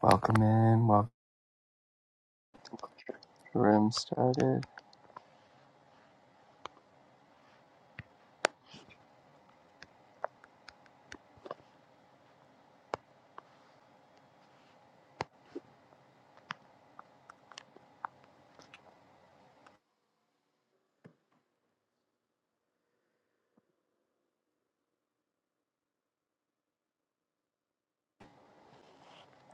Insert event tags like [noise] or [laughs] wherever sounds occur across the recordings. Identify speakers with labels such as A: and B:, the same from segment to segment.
A: Welcome in, welcome the room started.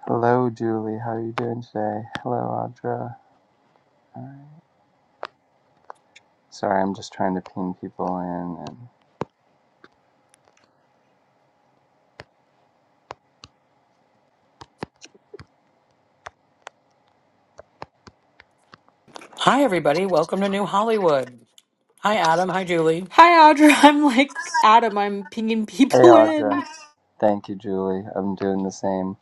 A: Hello Julie, how are you doing today? Hello Audra. Alright. Sorry, I'm just trying to ping people in and
B: Hi, everybody. Welcome to New Hollywood. Hi, Adam. Hi, Julie.
C: Hi, Audra. [laughs] I'm like Adam. I'm pinging
A: Hey
C: people
A: Audra.
C: in.
A: Thank you, Julie. I'm doing the same.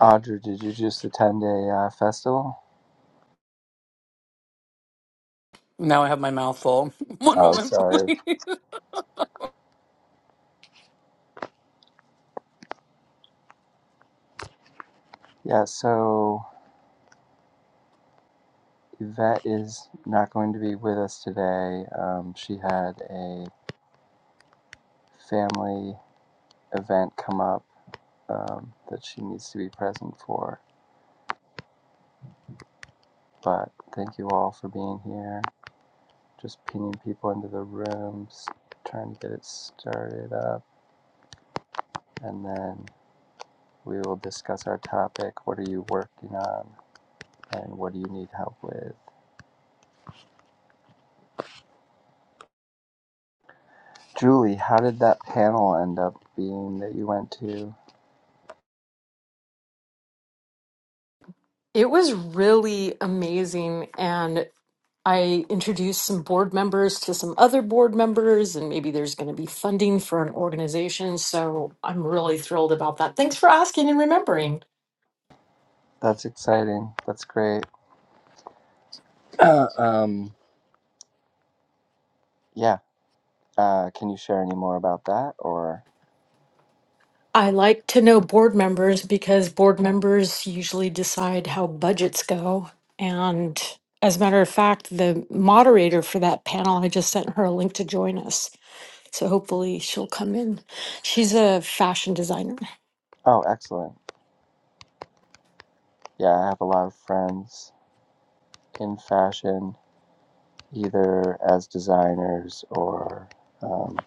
A: Audra, did you just attend a uh, festival?
B: Now I have my mouth full. [laughs] One
A: Oh,
B: moment,
A: sorry.
B: please.
A: Yeah, so Yvette is not going to be with us today. Um, she had a family event come up um, that she needs to be present for. But thank you all for being here. Just pinging people into the rooms, trying to get it started up, and then we will discuss our topic. What are you working on, and what do you need help with? Julie, how did that panel end up being that you went to?
C: It was really amazing. And I introduced some board members to some other board members, and maybe there's going to be funding for an organization. So I'm really thrilled about that. Thanks for asking and remembering.
A: That's exciting. That's great. [clears throat] Uh, um, yeah. Uh, can you share any more about that? Or
C: I like to know board members because board members usually decide how budgets go. And as a matter of fact, the moderator for that panel, I just sent her a link to join us. So hopefully she'll come in. She's a fashion designer.
A: oh, excellent. Yeah, I have a lot of friends in fashion, either as designers or um,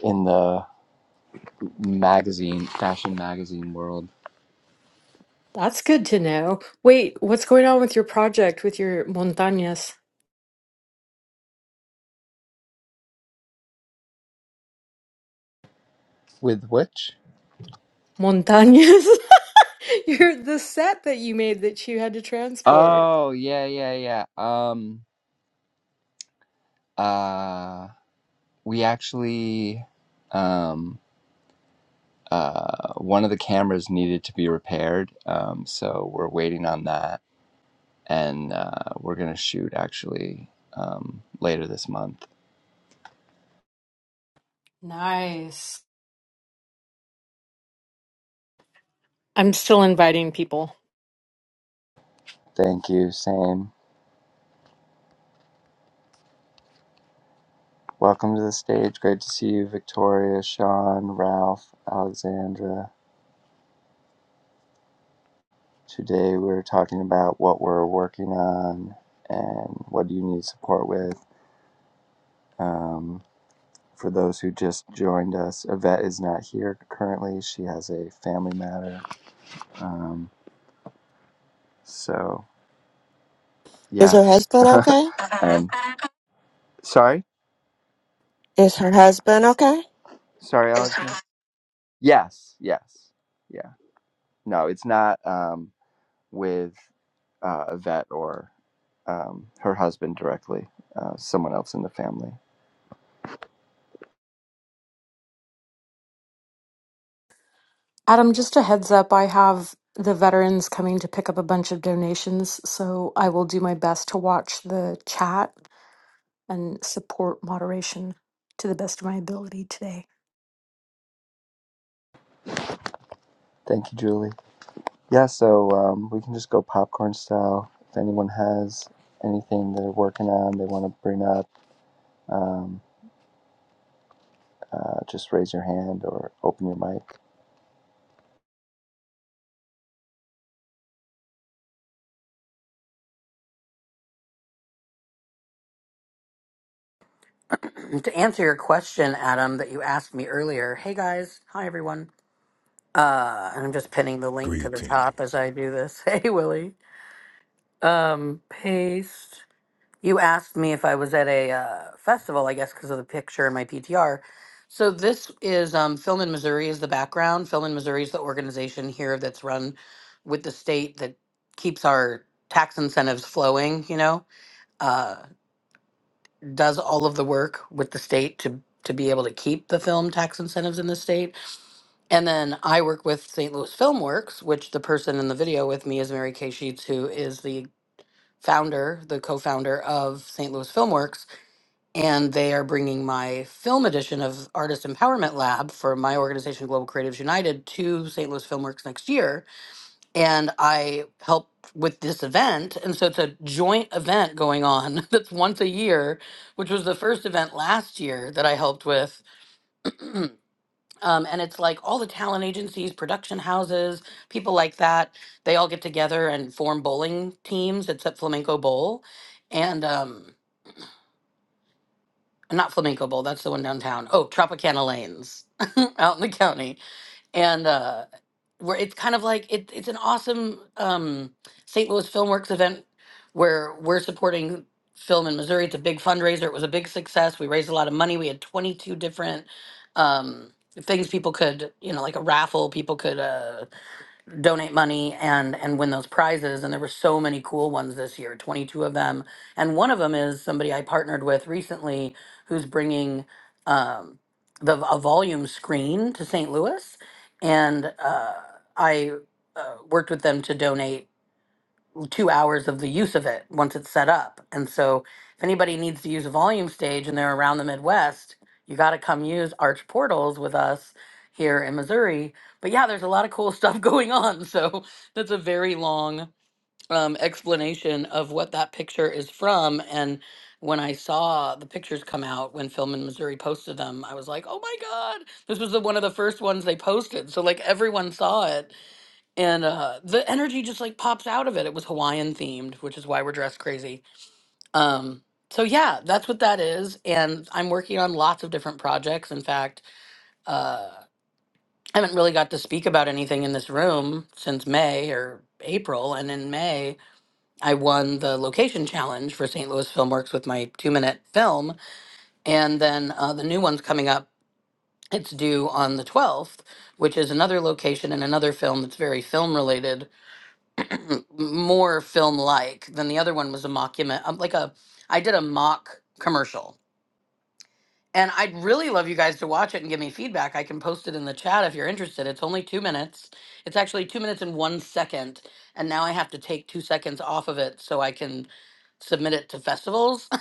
A: in the magazine, fashion magazine world.
C: That's good to know. Wait, what's going on with your project with your montañas?
A: With which?
C: Montañas? [laughs] your the set that you made that you had to transport.
A: Oh yeah, yeah, yeah. Um, uh, we actually, um, uh, one of the cameras needed to be repaired. Um, so we're waiting on that, and uh, we're gonna shoot actually um, later this month.
C: Nice. I'm still inviting people.
A: Thank you. Same. Welcome to the stage. Great to see you, Victoria, Sean, Ralph, Alexandra. Today we're talking about what we're working on and what do you need support with. Um, for those who just joined us, Yvette is not here currently. She has a family matter. Um, so,
D: Is
A: yeah.
D: her husband okay?
A: [laughs] and sorry,
D: Is her husband okay?
A: sorry, Alex. Yes, yes, yeah. No, it's not um, with uh, Yvette or um, her husband directly. Uh, someone else in the family.
C: Adam, just a heads up, I have the veterans coming to pick up a bunch of donations, so I will do my best to watch the chat and support moderation to the best of my ability today.
A: Thank you, Julie. Yeah, so um, we can just go popcorn style. If anyone has anything they're working on, they want to bring up, um, uh, just raise your hand or open your mic.
B: [laughs] to answer your question, Adam, that you asked me earlier. Hey, guys. Hi, everyone. Uh, and I'm just pinning the link to the top as
E: Greetings.
B: I do this. [laughs] Hey, Willie. Um, paste. You asked me if I was at a uh, festival, I guess, because of the picture in my PTR. So this is um, Film in Missouri is the background. Film in Missouri is the organization here that's run with the state that keeps our tax incentives flowing. You know, uh, does all of the work with the state to to be able to keep the film tax incentives in the state. And then I work with St. Louis FilmWorks, which the person in the video with me is Mary Kay Sheets, who is the founder, the co-founder of St. Louis FilmWorks and they are bringing my film edition of Artist Empowerment Lab for my organization Global Creatives United to St. Louis Filmworks next year, and I help with this event, and so it's a joint event going on [laughs] that's once a year, which was the first event last year that I helped with, um, and it's like all the talent agencies, production houses, people like that, they all get together and form bowling teams. It's at Flamenco Bowl, and um, not Flamenco Bowl, that's the one downtown. Oh, Tropicana Lanes [laughs] out in the county. And uh where it's kind of like it, it's an awesome um St. Louis Filmworks event where we're supporting film in Missouri. It's a big fundraiser. It was a big success. We raised a lot of money. We had 22 different um things people could, you know, like a raffle people could uh donate money and and win those prizes and there were so many cool ones this year 22 of them and one of them is somebody i partnered with recently who's bringing um, the a volume screen to st louis and uh, i uh, worked with them to donate two hours of the use of it once it's set up. And so if anybody needs to use a volume stage and they're around the Midwest, you got to come use Arch Portals with us here in Missouri. But yeah, there's a lot of cool stuff [laughs] going on. So that's a very long um, explanation of what that picture is from. And when I saw the pictures come out when Film in Missouri posted them, I was like, oh my God, this was the, one of the first ones they posted. So like everyone saw it and uh the energy just like pops out of it it was hawaiian themed which is why we're dressed crazy um so yeah that's what that is and i'm working on lots of different projects in fact uh i haven't really got to speak about anything in this room since may or april and in may i won the location challenge for st louis filmworks with my two minute film and then uh, the new one's coming up it's due on the 12th which is another location and another film that's very film related m- more film like than the other one was a mockument um, like a i did a mock commercial and i'd really love you guys to watch it and give me feedback i can post it in the chat if you're interested it's only two minutes it's actually two minutes and one second and now i have to take two seconds off of it so i can submit it to festivals [laughs]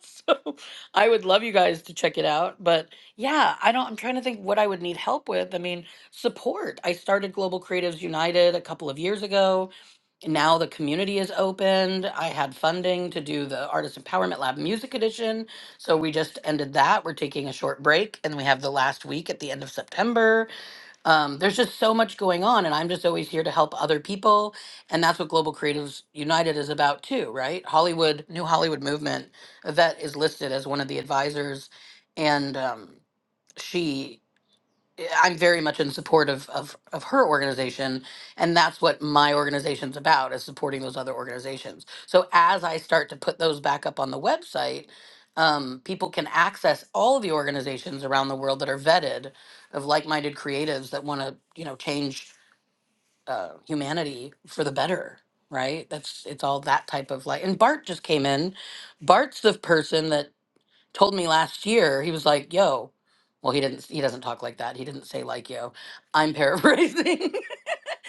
B: so i would love you guys to check it out but yeah i don't i'm trying to think what i would need help with i mean support i started global creatives united a couple of years ago now the community is opened. I had funding to do the Artist Empowerment Lab Music Edition. So we just ended that. We're taking a short break and we have the last week at the end of September. Um, there's just so much going on, and I'm just always here to help other people. And that's what Global Creatives United is about, too, right? Hollywood, New Hollywood Movement, Yvette is listed as one of the advisors. And um, she I'm very much in support of, of of her organization, and that's what my organization's about is supporting those other organizations. So as I start to put those back up on the website, um, people can access all of the organizations around the world that are vetted of like-minded creatives that want to you know change uh, humanity for the better. Right? That's it's all that type of like. And Bart just came in. Bart's the person that told me last year he was like yo well he didn't he doesn't talk like that he didn't say like yo i'm paraphrasing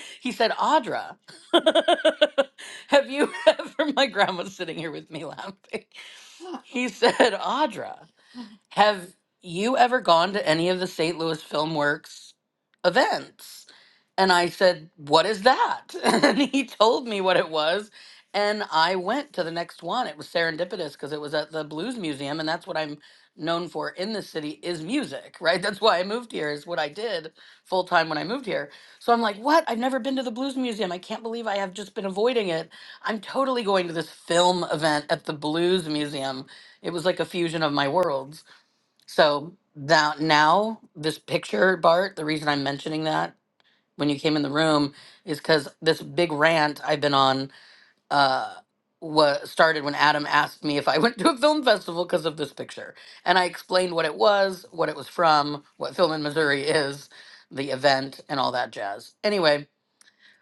B: [laughs] he said audra [laughs] have you ever my grandma's sitting here with me laughing [laughs] he said audra have you ever gone to any of the St. Louis Film Works events? And I said, What is that? [laughs] and he told me what it was. And I went to the next one. It was serendipitous because it was at the Blues Museum. And that's what I'm known for in this city is music, [laughs] right? That's why I moved here, is what I did full time when I moved here. So I'm like, What? I've never been to the Blues Museum. I can't believe I have just been avoiding it. I'm totally going to this film event at the Blues Museum. It was like a fusion of my worlds so that now this picture, Bart, the reason I'm mentioning that when you came in the room is because this big rant I've been on uh was started when Adam asked me if I [laughs] went to a film festival because of this picture. And I explained what it was, what it was from, what film in Missouri is, the event, and all that jazz. Anyway,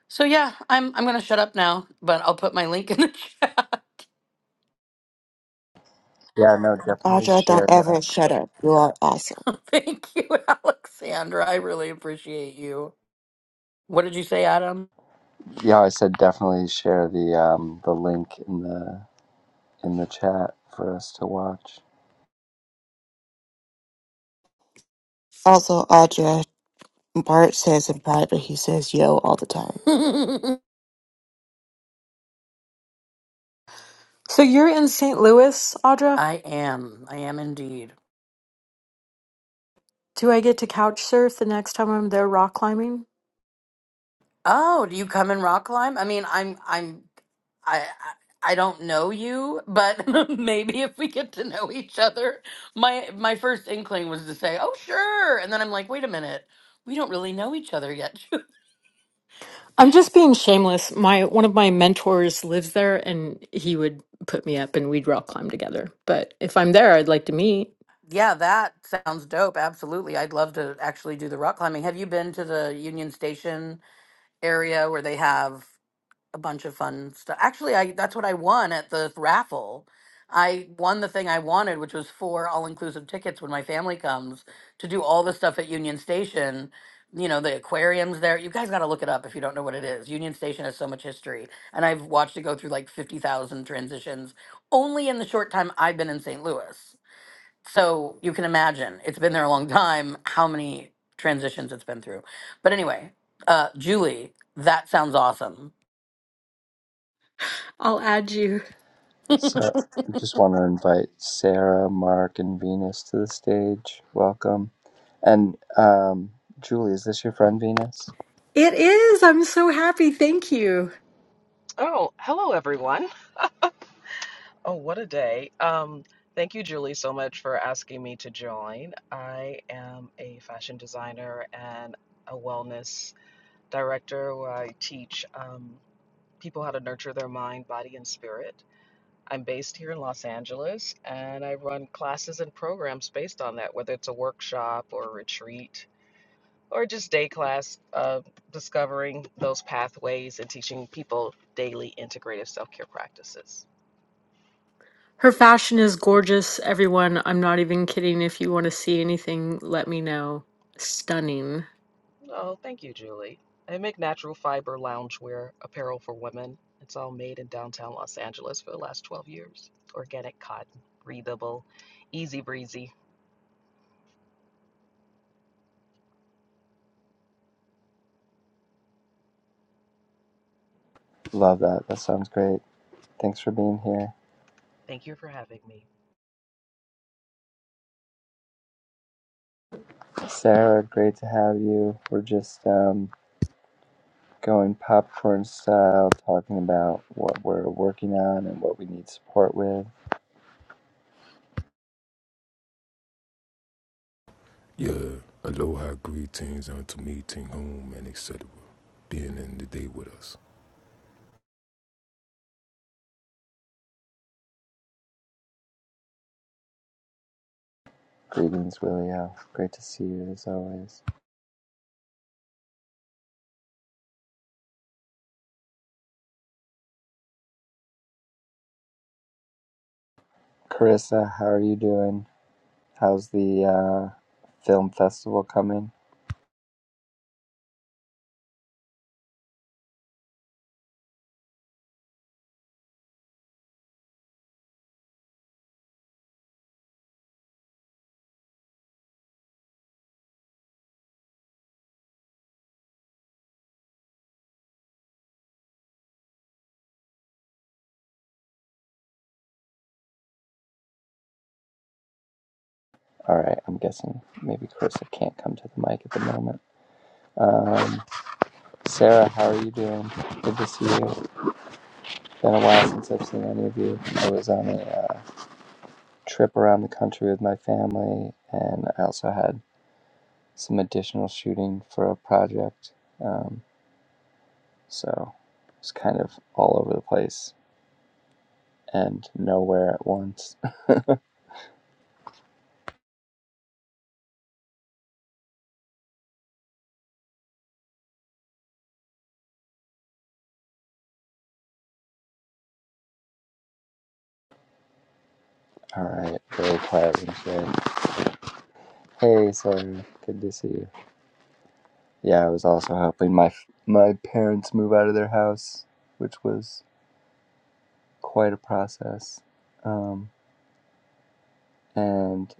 B: so yeah, I'm I'm gonna shut up now, but I'll put my link in the chat.
A: Yeah, no, definitely
D: Audra, don't
A: share
D: ever shut
A: that.
D: up. You are awesome.
B: [laughs] Thank you, Alexandra. I really appreciate you. What did you say, Adam?
A: Yeah, I said definitely share the um, the link in the in the chat for us to watch.
D: Also, Audra, Bart says in private, he says yo all the time.
B: [laughs] I
C: So you're in St. Louis, Audra?
B: am. I am indeed.
C: Do I get to couch surf the next time I'm there rock climbing?
B: Oh, do you come in rock climb? I mean, I'm I'm I I I don't know you, but [laughs] maybe if we get to know each other, my my first inkling was to say, "Oh, sure." And then I'm like, "Wait a minute. We don't really know each other yet." [laughs]
C: I'm just being shameless. My one of my mentors lives there and he would put me up and we'd rock climb together. But if I'm there, I'd like to meet.
B: yeah, that sounds dope. Absolutely. I'd love to actually do the rock climbing. Have you been to the Union Station area where they have a bunch of fun stuff. Actually, I that's what I won at the raffle. I won the thing I wanted, which was four all-inclusive tickets when my family comes to do all the stuff at Union Station. You know, the aquariums there. You guys got to look it up if you don't know what it is. Union Station has so much history, and I've watched it go through like 50,000 transitions only in the short time I've been in St. Louis. So, you can imagine. It's been there a long time how many transitions it's been through. But anyway, uh Julie, that sounds awesome
C: I'll add you.
A: So I just want to invite Sarah, Mark, and Venus to the stage. Welcome. And um, Julie, is this your friend Venus?
C: It is. I'm so happy. Thank you.
F: Oh, hello everyone. Oh, what a day. Um, thank you, Julie, so much for asking me to join. I am a fashion designer and a wellness director where I teach um, people how to nurture their mind, body, and spirit. I'm based here in Los Angeles and I run classes and programs based on that, whether it's a workshop or a retreat or just day class, uh, discovering those pathways and teaching people daily integrative self care practices.
C: Her fashion is gorgeous, everyone. I'm not even kidding. If you want to see anything, let me know. Stunning.
F: Oh, thank you, Julie. I make natural fiber loungewear apparel for women. It's all made in downtown Los Angeles for the last 12 years. Organic cotton, breathable, easy breezy.
A: Love that. That sounds great. Thanks for being here.
F: Thank you for having me.
A: Sarah, great to have you. We're just um, going popcorn style, talking about what we're working on and what we need support with.
E: Yeah, aloha, greetings unto meeting home and etc. Being in the day with us,
A: Greetings, Willio. Great to see you as always. Carissa, how are you doing? How's the uh, film festival coming? All right, I'm guessing maybe Carissa can't come to the mic at the moment. Um, Sarah, how are you doing? Good to see you. Been a while since I've seen any of you. I was on a uh, trip around the country with my family, and I also had some additional shooting for a project. Um, so it's kind of all over the place and nowhere at once. [laughs] All right, very quiet room today. Hey, Sarah, good to see you. Yeah, I was also helping my my parents move out of their house, which was quite a process. Um, and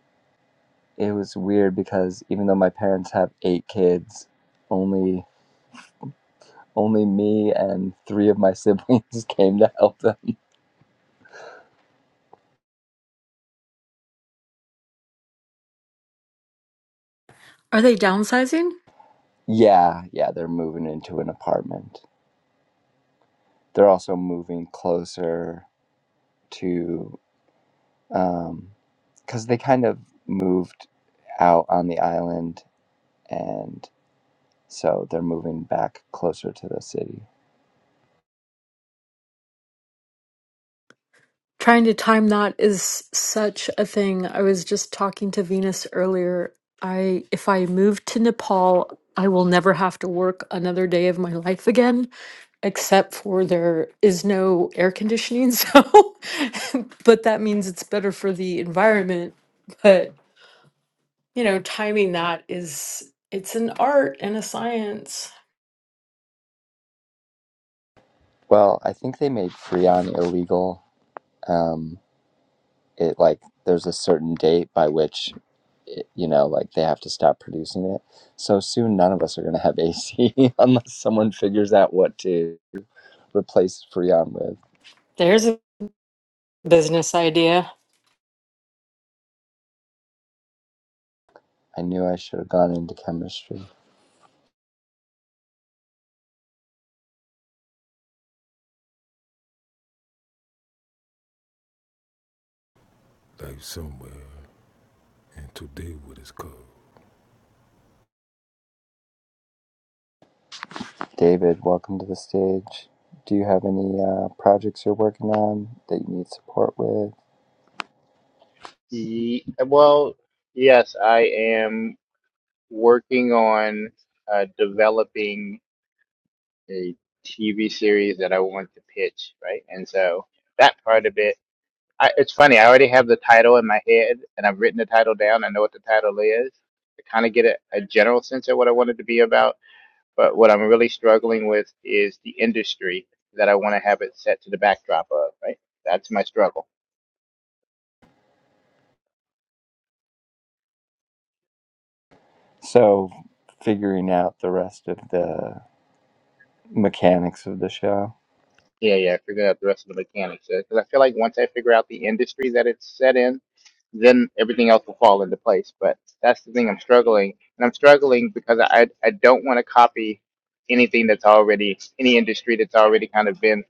A: it was weird because even though my parents have eight kids, only only me and three of my siblings [laughs] came to help them.
C: Are they downsizing?
A: Yeah, yeah, they're moving into an apartment. They're also moving closer to um, because they kind of moved out on the island and So they're moving back closer to the city.
C: trying to time that is such a thing. I was just talking to Venus earlier. I if I move to Nepal, I will never have to work another day of my life again, except for there is no air conditioning. [laughs] So, but that means it's better for the environment. But you know, timing that is it's an art and a science.
A: Well, I think they made Freon illegal. Um, it like there's a certain date by which, it, you know, like they have to stop producing it. So soon, none of us are going to have AC [laughs] unless someone figures out what to replace Freon with.
C: There's a business idea.
A: I knew I should have gone into chemistry.
E: life somewhere, and today what is called.
A: David, welcome to the stage. Do you have any uh, projects you're working on that you need support with?
G: Ye- Well, yes, I am working on uh, developing a TV series that I want to pitch, right? And so that part of it, I, it's funny. I already have the title in my head, and I've written the title down. I know what the title is. I kind of get a, a general sense of what I want it to be about. But what I'm really struggling with is the industry that I want to have it set to the backdrop of, right? That's my struggle
A: So, figuring out the rest of the mechanics of the show.
G: Yeah, yeah, figure out the rest of the mechanics. Because I feel like once I figure out the industry that it's set in, then everything else will fall into place. But that's the thing I'm struggling, and I'm struggling because I I don't want to copy anything that's already any industry that's already kind of been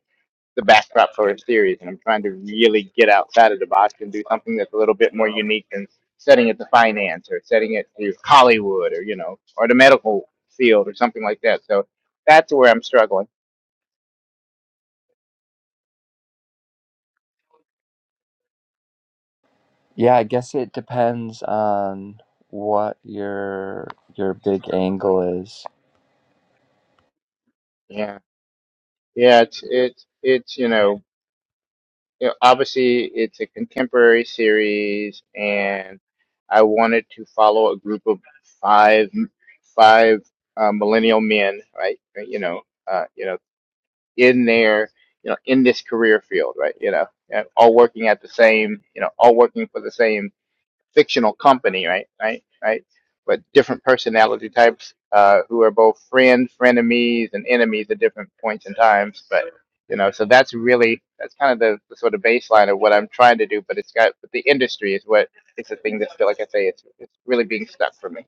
G: the backdrop for a series, and I'm trying to really get outside of the box and do something that's a little bit more unique than setting it to finance or setting it to Hollywood or you know or the medical field or something like that. So that's where I'm struggling.
A: Yeah, I guess it depends on what your your big angle is.
G: Yeah. Yeah, it's it's it's you know you know, obviously it's a contemporary series, and I wanted to follow a group of five five uh, millennial men, right? right, You know, uh, you know, in their you know in this career field, right? You know, and all working at the same, you know, all working for the same fictional company, right? Right? Right? But different personality types uh, who are both friends, frenemies, and enemies at different points in times. But you know, so that's really that's kind of the, the sort of baseline of what I'm trying to do. But it's got but the industry is what it's the thing that's still, like I say, it's it's really being stuck for me.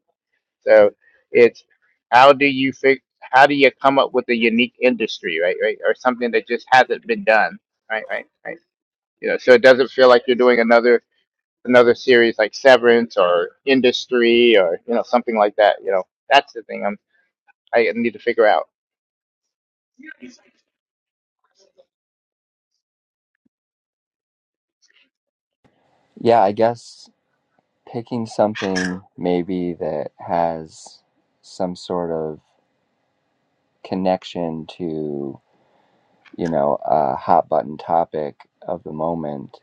G: So it's how do you fix how do you come up with a unique industry, right? Right? Or something that just hasn't been done, right? Right? Right? You know, so it doesn't feel like you're doing another another series like Severance or Industry or you know something like that. You know, that's the thing I'm I need to figure out.
A: Yeah, I guess picking something maybe that has some sort of connection to, you know, a hot button topic of the moment,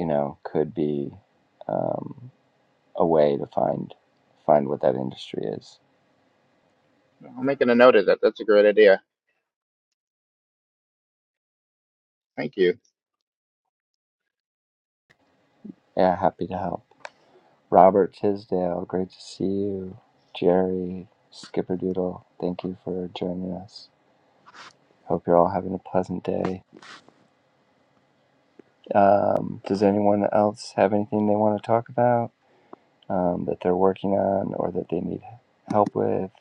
A: you know, could be um, a way to find find what that industry is.
G: I'm making a note of that. That's a great idea. Thank you.
A: Yeah, happy to help. Robert Tisdale, great to see you. Jerry, Skipperdoodle, thank you for joining us. Hope you're all having a pleasant day. Um, does anyone else have anything they want to talk about um, that they're working on or that they need help with?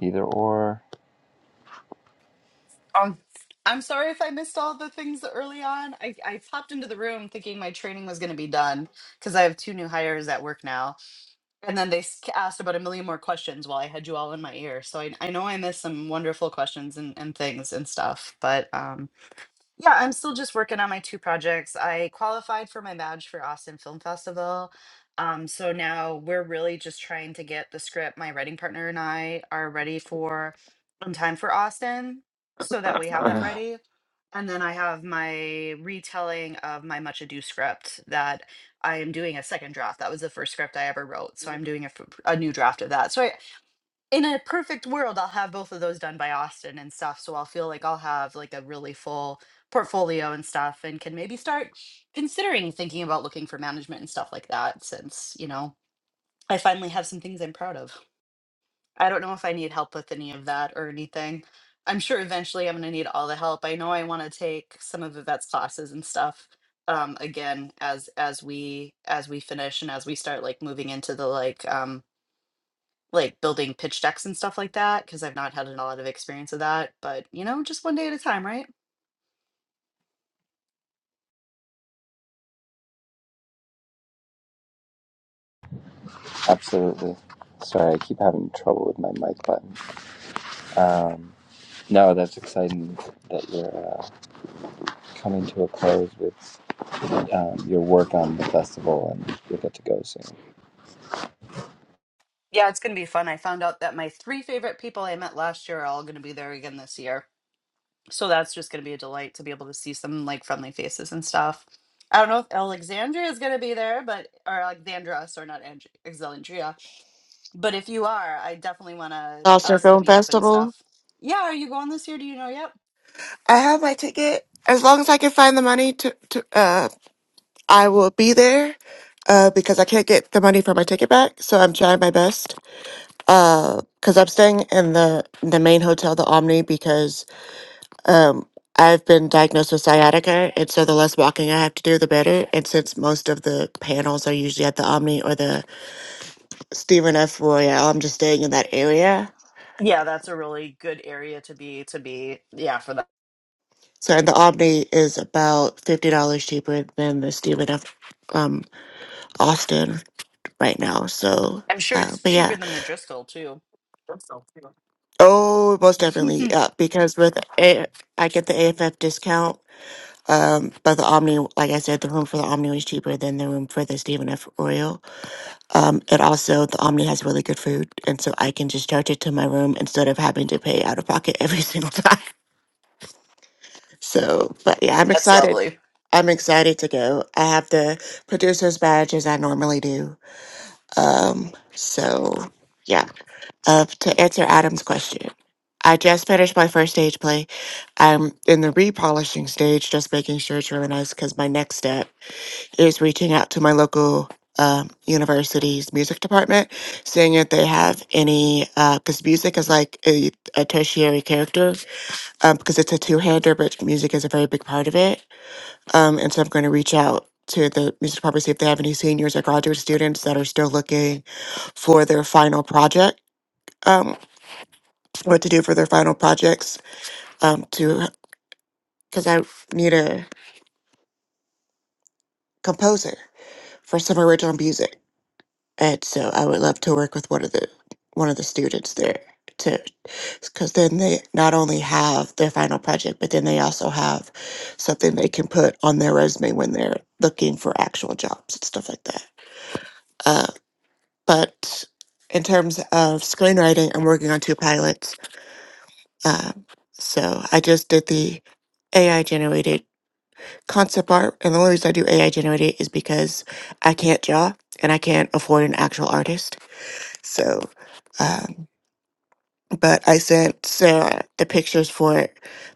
A: Either or?
H: Um, I'm sorry if I missed all the things early on. I, I popped into the room thinking my training was going to be done because I have two new hires at work now. And then they s- asked about a million more questions while I had you all in my ear. So I, I know I missed some wonderful questions and, and things and stuff. But um, yeah, I'm still just working on my two projects. I qualified for my badge for Austin Film Festival. Um, so now we're really just trying to get the script. My writing partner and I are ready for in time for Austin so that we have that
I: Uh,
H: ready. And then I have my retelling of my Much Ado script that I am doing a second draft. That was the first script I ever wrote. So I'm doing a, f- a new draft of that. So I, in a perfect world, I'll have both of those done by Austin and stuff. So I'll feel like I'll have like a really full portfolio and stuff and can maybe start considering thinking about looking for management and stuff like that since, you know, I finally have some things I'm proud of. I don't know if I need help with any of that or anything. I'm sure eventually I'm going to need all the help. I know I want to take some of Yvette's classes and stuff um again as as we as we finish and as we start like moving into the like um like building pitch decks and stuff like that because I've not had a lot of experience of that. But you know, just one day at a time, right?
A: Absolutely. Sorry, I keep having trouble with my mic button. Um, no, that's exciting that you're uh, coming to a close with um, your work on the festival and you'll get to go soon.
H: Yeah, it's gonna be fun. I found out that my three favorite people I met last year are all gonna be there again this year. So that's just gonna be a delight to be able to see some like friendly faces and stuff. I don't know if Alexandria is gonna be there, but or Alexandra, sorry, not Ang- Alexandria. But if you are, I definitely want to
D: Monster
H: us to
D: Film
H: meet up and
D: Festival.
H: stuff. Yeah, are you going this year? Do you know yet?
D: I have my ticket. As long as I can find the money to, to uh, I will be there. Uh, because I can't get the money for my ticket back, so I'm trying my best. Uh, because I'm staying in the the main hotel, the Omni, because Um, I've been diagnosed with sciatica, and so the less walking I have to do, the better. And since most of the panels are usually at the Omni or the Stephen F. Royal, I'm just staying in that area.
H: Yeah, that's a really good area to be to be. Yeah, for that.
D: So, and the Omni is about fifty dollars cheaper than the Stephen F. Um, Austin right now. So,
H: I'm sure
D: uh,
H: it's
D: but yeah,
H: cheaper than the Driscoll too.
D: oh, most
H: [laughs]
D: definitely, yeah, because with a- I get the AFF discount. Um, but the Omni, like I said, the room for the Omni was cheaper than the room for the Stephen F. Royal. Um, and also, the Omni has really good food, and so I can just charge it to my room instead of having to pay out of pocket every [laughs] single time. So, but yeah, I'm
H: That's
D: excited.
H: lovely.
D: I'm excited to go. I have the producer's badge as I normally do. Um, so yeah. Uh, to answer Adam's question, I just finished my first stage play. I'm in the repolishing stage, just making sure it's really nice because my next step is reaching out to my local um, university's music department, seeing if they have any, because music is like a, a tertiary character, um, because it's a two-hander, but music is a very big part of it. Um, and so I'm going to reach out to the music department, see if they have any seniors or graduate students that are still looking for their final project, um, what to do for their final projects, um, to, because I need a composer for some original music. and so I would love to work with one of the one of the students there to because then they not only have their final project but then they also have something they can put on their resume when they're looking for actual jobs and stuff like that uh, but in terms of screenwriting i'm working on two pilots um, so i just did the ai generated concept art and the only reason i do ai generated is because i can't draw and i can't afford an actual artist So, um, but I sent Sarah the pictures for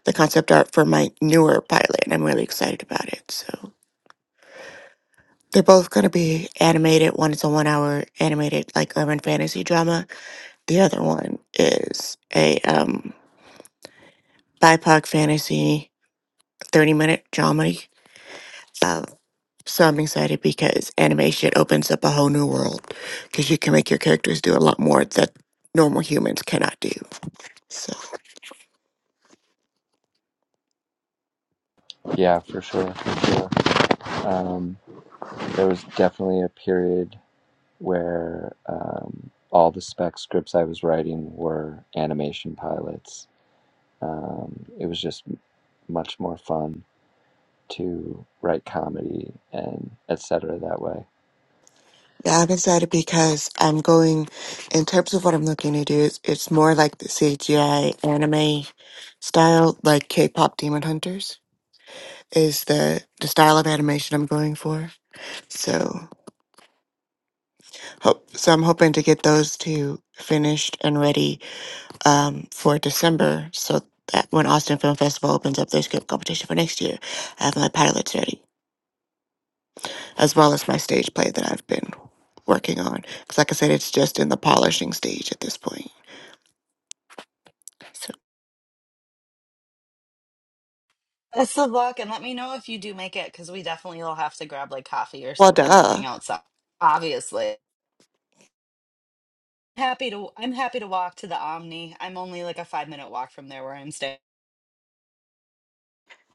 D: the concept art for my newer pilot, and I'm really excited about it. So, they're both going to be animated. One is a one hour animated, like urban fantasy drama, the other one is a um, BIPOC fantasy 30 minute dramedy. Uh, so, I'm excited because animation opens up a whole new world because you can make your characters do a lot more that normal humans cannot do. So.
A: Yeah, for sure, for sure. Um, there was definitely a period where um, all the spec scripts I was writing were animation pilots. Um, it was just m- much more fun to write comedy and etc. that way.
D: Yeah, I'm excited because I'm going, in terms of what I'm looking to do, it's, it's more like the CGI anime style, like K-pop Demon Hunters is the, the style of animation I'm going for. So, hope, so I'm hoping to get those two finished and ready um, for December so that when Austin Film Festival opens up their script competition for next year, I have my pilots ready, as well as my stage play that I've been working on. Because like I said, it's just in the polishing stage at this point. so.
H: That's the luck, and let me know if you do make it because we definitely will have to grab like coffee or
D: Well,
H: something and
D: duh.
H: hang out. So obviously, happy to I'm happy to walk to the Omni. I'm only like a five minute walk from there where I'm staying.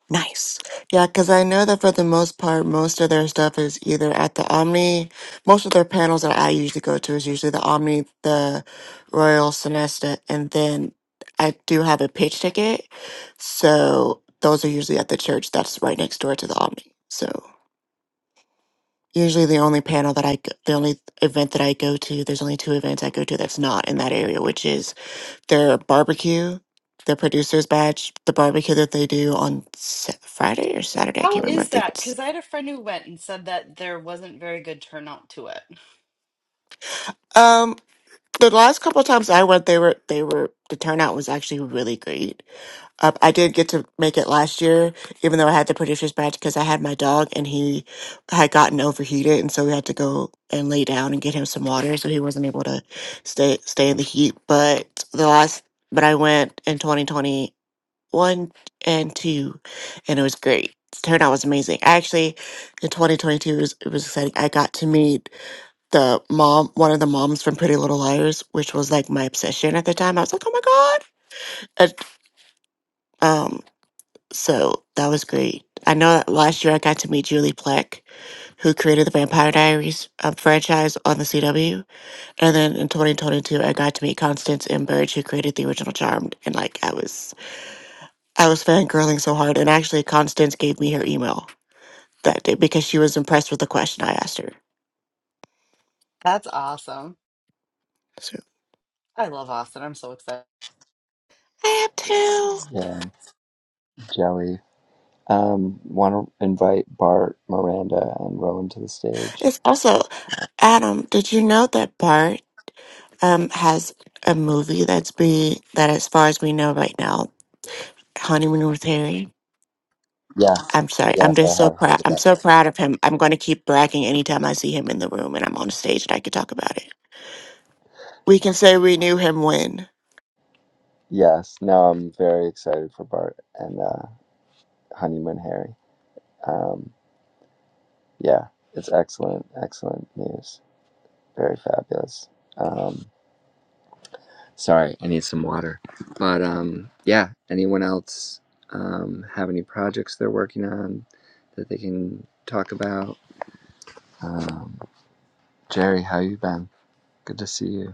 D: Nice. Yeah, because I know that for the most part, most of their stuff is either at the Omni. Most of their panels that I usually go to is usually the Omni, the Royal Sonesta, and then I do have a pitch ticket. So those are usually at the church that's right next door to the Omni. So usually the only panel that I, g- the only event that I go to, there's only two events I go to that's not in that area, which is their barbecue, their producer's badge, the barbecue that they do on Sa- Friday or Saturday. I
H: How
D: can't remember. I
H: is
D: think
H: that?
D: it's
H: Because I had a friend who went and said that there wasn't very good turnout to it.
D: um the last couple of times I went, they were they were the turnout was actually really great. Uh, I did get to make it last year, even though I had the producer's badge because I had my dog and he had gotten overheated, and so we had to go and lay down and get him some water, so he wasn't able to stay stay in the heat. But the last, but I went in 2020 one and two, and it was great. The turnout was amazing. Actually, in 2022, it was, it was exciting. I got to meet the mom, one of the moms from Pretty Little Liars, which was like my obsession at the time. I was like, oh my god! And, um, so that was great. I know that last year I got to meet Julie Plec, who created the Vampire Diaries um, franchise on the CW, and then in 2022 I got to meet Constance M. Burge, who created the original Charmed, and like I was I was fangirling so hard, and actually, Constance gave me her email that day because she was impressed with the question I asked her.
H: That's awesome.
D: So
H: I love Austin. I'm so excited.
D: I have two.
A: Yeah, Jelly Um, want to invite Bart, Miranda, and Rowan to the stage?
D: It's also Adam. Did you know that Bart um has a movie that's be that, as far as we know right now, honeymoon with Harry.
A: Yes,
D: I'm sorry. I'm
A: yes,
D: just
A: I
D: so
A: have
D: proud.
A: heard
D: I'm
A: about
D: so
A: it.
D: proud of him. I'm going to keep bragging anytime I see him in the room and I'm on stage and I can talk about it. We can say we knew him when.
A: Yes, no, I'm very excited for Bart and uh, Honeymoon Harry. Um, yeah, it's excellent, excellent news. Very fabulous. Um, sorry, I need some water. But um, yeah, anyone else um, have any projects they're working on that they can talk about? Um, Jerry, how you been? Good to see you.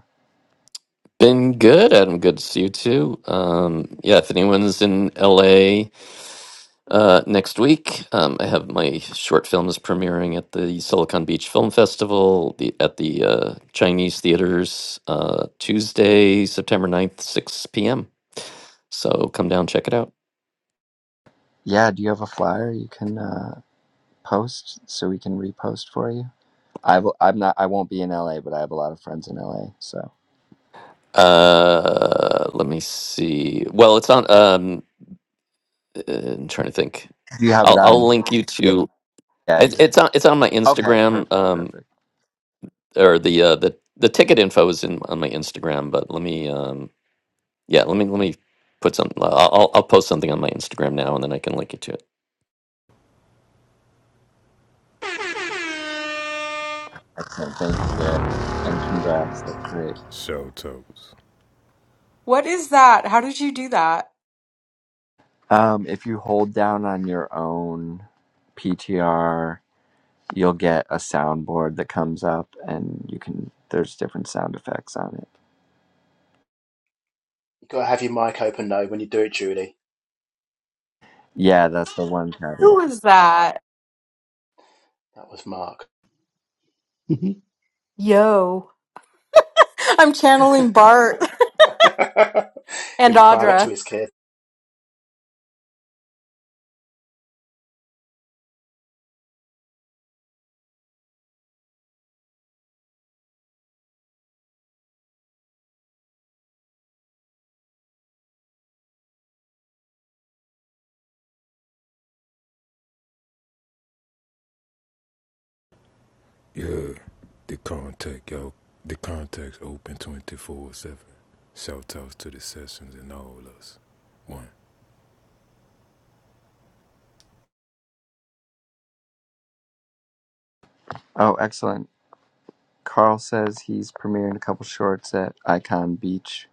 I: Been good, Adam. Good to see you too. Um, yeah, if anyone's in LA uh, next week, um, I have my short films premiering at the Silicon Beach Film Festival the, at the uh, Chinese theaters uh, Tuesday, September ninth, 6 p.m. So come down, check it out.
A: Yeah, do you have a flyer you can uh, post so we can repost for you? I will, I'm not. I won't be in LA, but I have a lot of friends in LA. So
I: Uh, let me see. Well, it's on. Um, uh, I'm trying to think.
A: do you have it
I: I'll I'll
A: on?
I: link you
A: Yeah.
I: to.
A: Yeah.
I: I,
A: you-
I: it's on. It's on my
A: Okay.
I: Instagram.
A: Perfect.
I: Um,
A: Perfect.
I: or the uh, the the ticket info is in on my Instagram. But let me. Um, yeah. Let me let me put some. I'll I'll I'll post something on my Instagram now, and then I can link you to it.
A: Excellent. Thank you, Gary, and congrats. That's great.
E: Shout outs.
C: What is that? How did you do that?
A: Um, if you hold down on your own PTR, you'll get a soundboard that comes up, and you can. There's different sound effects on it.
J: You gotta have your mic open though when you do it, Judy.
A: Yeah, that's the one
C: Who
A: caveat.
C: was that?
J: That was Mark.
C: I'm channeling Bart.
J: [laughs]
C: And
J: In private
C: uh,
J: to his kid.
E: Yeah, the contact, y'all. The contact's open 24 7. Shout outs to the sessions and all us. One.
A: Oh, excellent. Carl says he's premiering a couple shorts at Icon Beach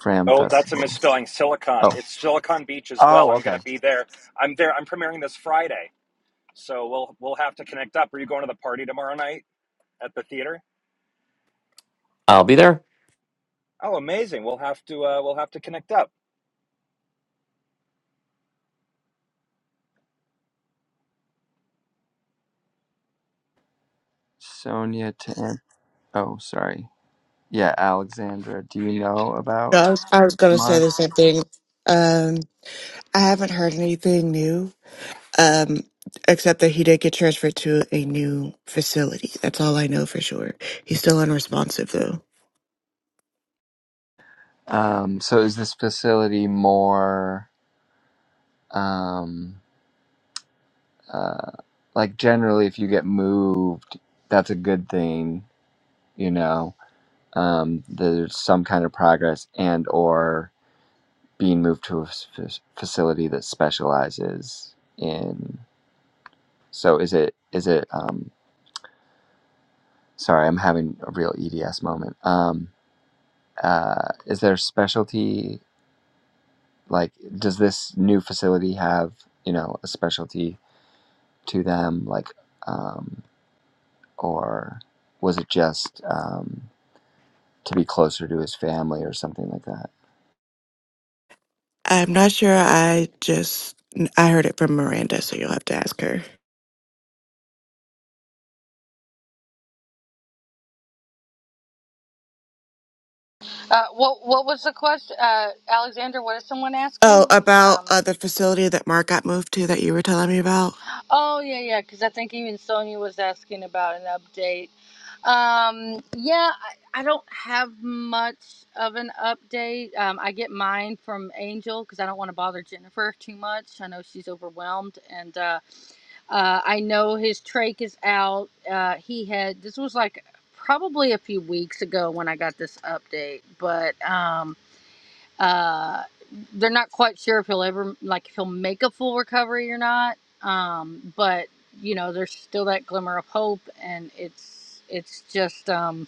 A: Fram
K: Oh, that's a
A: Festival.
K: misspelling. Silicon.
A: Oh,
K: It's Silicon Beach as well.
A: oh,
K: I'm going
A: okay.
K: to be there. I'm there. I'm premiering this Friday, so we'll we'll have to connect up. Are you going to the party tomorrow night at the theater?
I: I'll be there,
K: Oh, amazing. We'll have to uh, we'll have to connect up.
A: Sonia to An- oh, sorry. Yeah, Alexandra. Do you know
D: No,
A: about
D: I was, I was going to say
A: Mark?
D: the same thing. Um, I haven't heard anything new, um, except that he did get transferred to a new facility. That's all I know for sure. He's still unresponsive, though.
A: Um, so is this facility more um, uh, like generally, if you get moved, that's a good thing, you know. Um, there's some kind of progress and or being moved to a f- facility that specializes in so is it is it um sorry i'm having a real eds moment um uh is there specialty like does this new facility have you know a specialty to them like um or was it just um to be closer to his family or something like that
D: I'm not sure. I just I heard it from Miranda, so you'll have to ask her.
L: Uh, what what was the question, uh, Alexander? What is someone
D: Oh,
L: asking?
D: about
L: Um,
D: uh, the facility that Mark got moved to that you were telling me about.
L: oh yeah, yeah. Because I think even Sonia was asking about an update. Um, yeah, I, I don't have much of an update. Um, I get mine from Angel because I don't want to bother Jennifer too much. I know she's overwhelmed, and uh, uh, I know his trach is out. Uh, he had this was like probably a few weeks ago when I got this update, but. Um, Uh, they're not quite sure if he'll ever like if he'll make a full recovery or not. Um, but you know, there's still that glimmer of hope, and it's it's just um,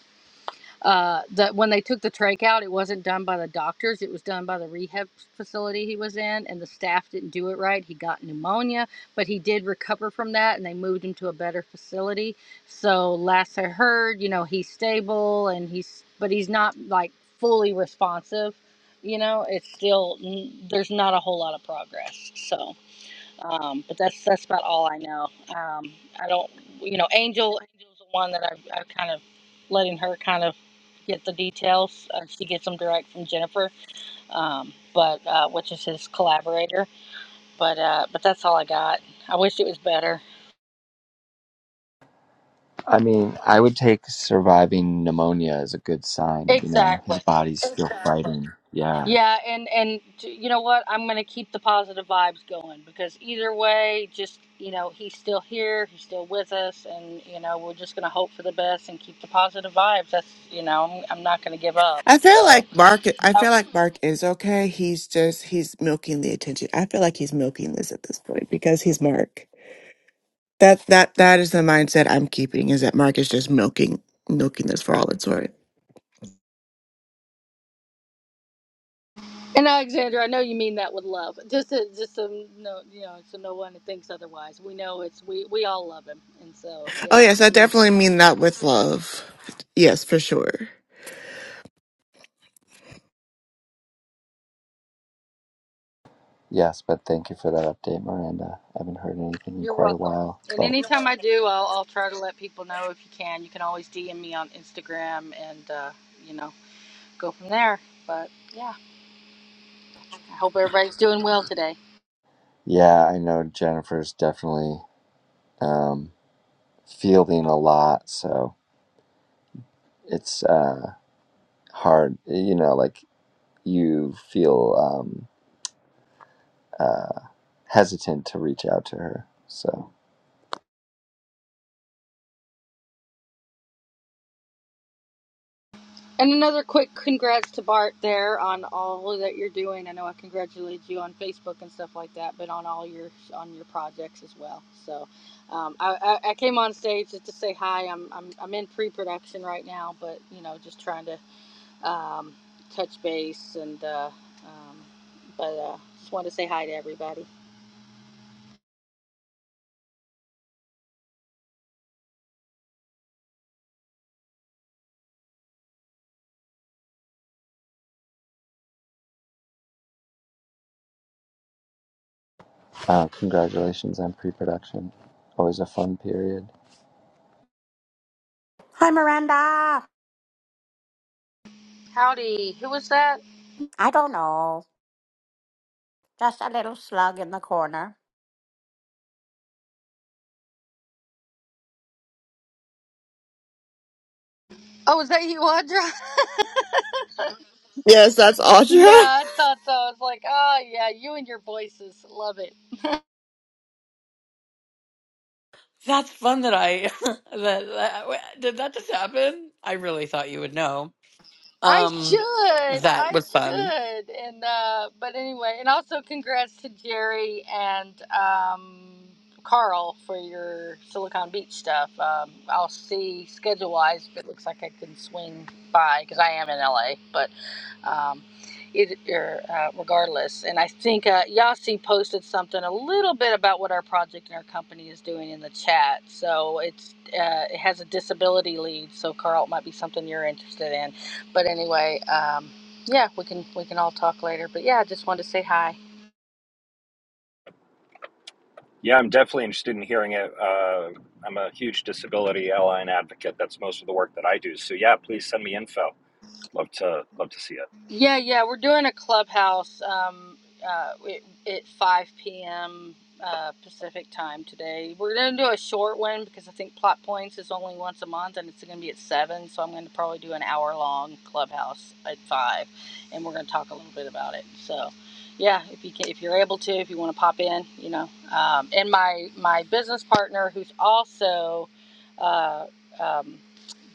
L: uh, that when they took the trach out, it wasn't done by the doctors. It was done by the rehab facility he was in, and the staff didn't do it right. He got pneumonia, but he did recover from that, and they moved him to a better facility. So last I heard, you know, he's stable, and he's but he's not like fully responsive. You know, it's still there's not a whole lot of progress. So. Um, but that's that's about all I know. Um, I don't, you know, Angel Angel's the one that I've, I've kind of letting her kind of get the details. Uh, she gets them direct from Jennifer, um, but uh, which is his collaborator. But uh, but that's all I got. I wish it was better.
A: i mean i would take surviving pneumonia as a good sign you know his
L: Exactly.
A: body's still fighting yeah
L: Yeah, and and you know what? I'm gonna keep the positive vibes going because either way, just you know, he's still here, he's still with us, and you know, we're just gonna hope for the best and keep the positive vibes. That's you know, I'm, I'm not gonna give up.
D: I feel
L: So,
D: like Mark. I feel like Mark is okay. He's just he's milking the attention. I feel like he's milking this at this point because he's Mark. That that that is the mindset I'm keeping is that Mark is just milking milking this for all it's worth.
L: and Alexander, I know you mean that with love. Just to, just so no, you know, so no one thinks otherwise. We know it's we we all love him, and so
D: Oh
L: yeah,
D: yes, I
L: we
D: definitely mean that with love. Yes, for sure.
A: Yes, but thank you for that update, Miranda. I haven't heard anything in
L: you're
A: quite a
L: welcome.
A: while.
L: And
A: But
L: anytime I do, I'll I'll try to let people know if you can. You can always DM me on Instagram and. uh you know go from there. But yeah, I hope everybody's doing well today.
A: yeah, I know Jennifer's definitely um, fielding a lot, so it's uh, hard. You know, like you feel um, uh, hesitant to reach out to her. So,
L: And another quick congrats to Bart there on all that you're doing. I know I congratulated you on Facebook and stuff like that, but on all your on your projects as well. So um, I, I, came on stage just to say hi. I'm I'm, I'm in pre-production right now, but you know just trying to um, touch base and uh, um, but uh, just wanted to say hi to everybody.
A: uh, congratulations on pre production. Always a fun period.
B: Hi, Miranda.
L: Howdy, who was that?
B: I don't know. Just a little slug in the corner.
L: Oh, was that you, Audra?
D: Yes, that's Audra.
L: Yeah, I thought so. I was like, oh yeah, you and your voices, love it.
B: That's fun that I [laughs] that, that did that just happen. I really thought you would know.
L: I
B: Um,
L: should.
B: that
L: I
B: was fun.
L: should. And uh but anyway, and also congrats to Jerry and um Carl for your Silicon Beach stuff. Um I'll see schedule wise, if it looks like I can swing by cuz I am in LA, but um it er, uh, regardless and i think uh, yasi posted something a little bit about what our project and our company is doing in the chat so it's uh, it has a disability lead so carl it might be something you're interested in but anyway, um, yeah, we can we can all talk later. But yeah, I just wanted to say hi
K: Yeah, I'm definitely interested in hearing it. Uh, I'm a huge disability ally and advocate. That's most of the work that I do. So yeah, please send me info. Love to love to see it.
L: Yeah, yeah, we're doing a clubhouse um, uh, it, at 5 p.m. Uh, Pacific time today. We're going to do a short one because I think Plot Points is only once a month and it's going to be at 7. So I'm going to probably do an hour long clubhouse at 5 and we're going to talk a little bit about it. So. Yeah, if you can, if you're able to, if you want to pop in, you know, um, and my my business partner, who's also uh, um,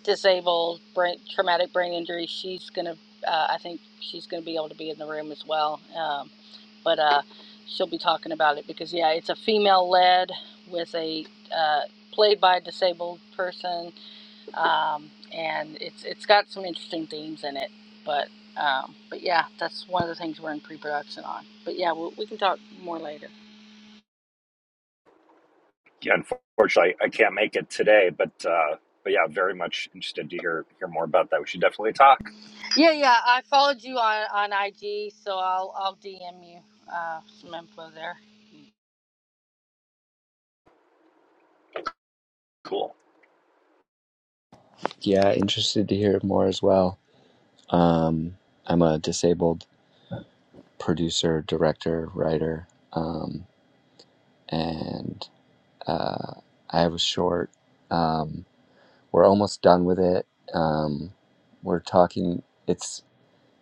L: disabled, brain, traumatic brain injury. She's gonna, uh, I think she's gonna be able to be in the room as well. Um, but uh, she'll be talking about it because yeah, it's a female led with a uh, played by a disabled person, um, and it's it's got some interesting themes in it. But um, but yeah, that's one of the things we're in pre production on. But yeah, we, we can talk more later.
K: Yeah, unfortunately, I can't make it today, but uh, but yeah, very much interested to hear hear more about that. We should definitely talk.
L: Yeah, yeah, I followed you on on IG, so I'll I'll DM you uh, some info there.
K: Cool.
A: Yeah, interested to hear more as well. Um, I'm a disabled producer, director, writer. Um, and Uh, I have a short. Um, we're almost done with it. Um, we're talking. It's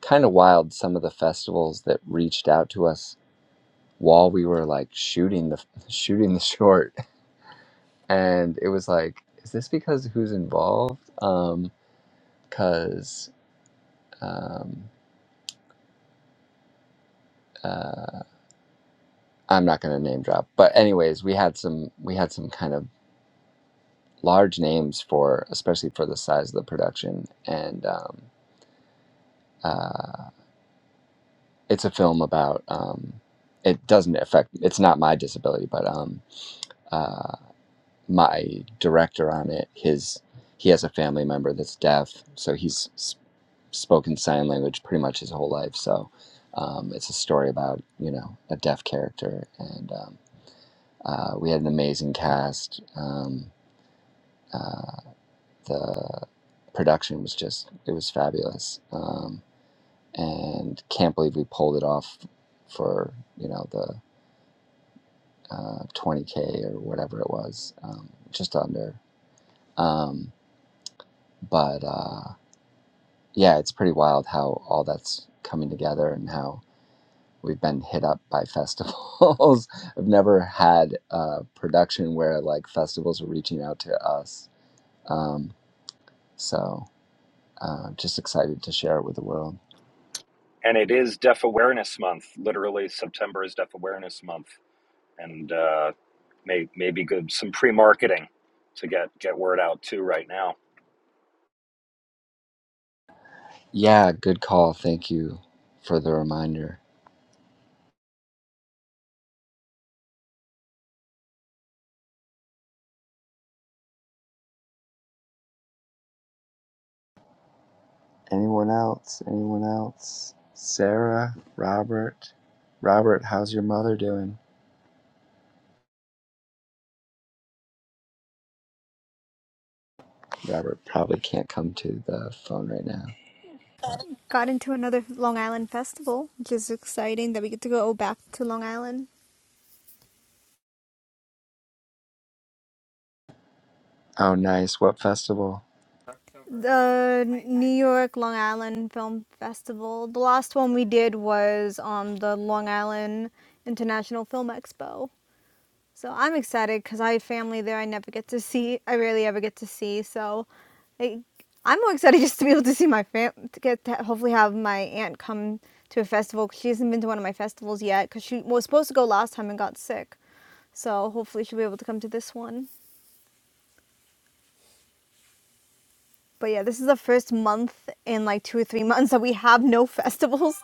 A: kind of wild. Some of the festivals that reached out to us while we were like shooting the [laughs] shooting the short, and it was like, is this because who's involved? Um, Because um, um, uh, I'm not going to name drop. But anyways, we had some we had some kind of large names for especially for the size of the production and. Um, uh, it's a film about um, it doesn't affect it's not my disability but um, uh, my director on it his he has a family member that's deaf so he's s- spoken sign language pretty much his whole life so um, it's a story about you know a deaf character and um, uh, we had an amazing cast um, uh, the production was just it was fabulous um, and can't believe we pulled it off for you know the uh, 20k or whatever it was, um, just under. Um, but uh, yeah, it's pretty wild how all that's coming together and how we've been hit up by festivals. [laughs] I've never had a production where like festivals are reaching out to us. Um, so uh, just excited to share it with the world.
K: and it is Deaf Awareness Month. Literally, September is Deaf Awareness Month, and uh, may maybe good some pre marketing to get get word out too right now.
A: Yeah, good call. Thank you for the reminder. Anyone else? Anyone else? Sarah, Robert. Robert, how's your mother doing? Robert probably can't come to the phone right now.
M: got into another Long Island festival, which is exciting that we get to go back to Long Island.
A: Oh, nice. What festival?
M: The New York Long Island Film Festival. The last one we did was on um the Long Island International Film Expo. So I'm excited because I have family there I never get to see. I rarely ever get to see. So like, I'm more excited [laughs] just to be able to see my fam. To get to hopefully have my aunt come to a festival because she hasn't been to one of my festivals yet because she was supposed to go last time and got sick. So hopefully she'll be able to come to this one. But yeah, this is the first month in like two or three [laughs] months that we have no [laughs] festivals.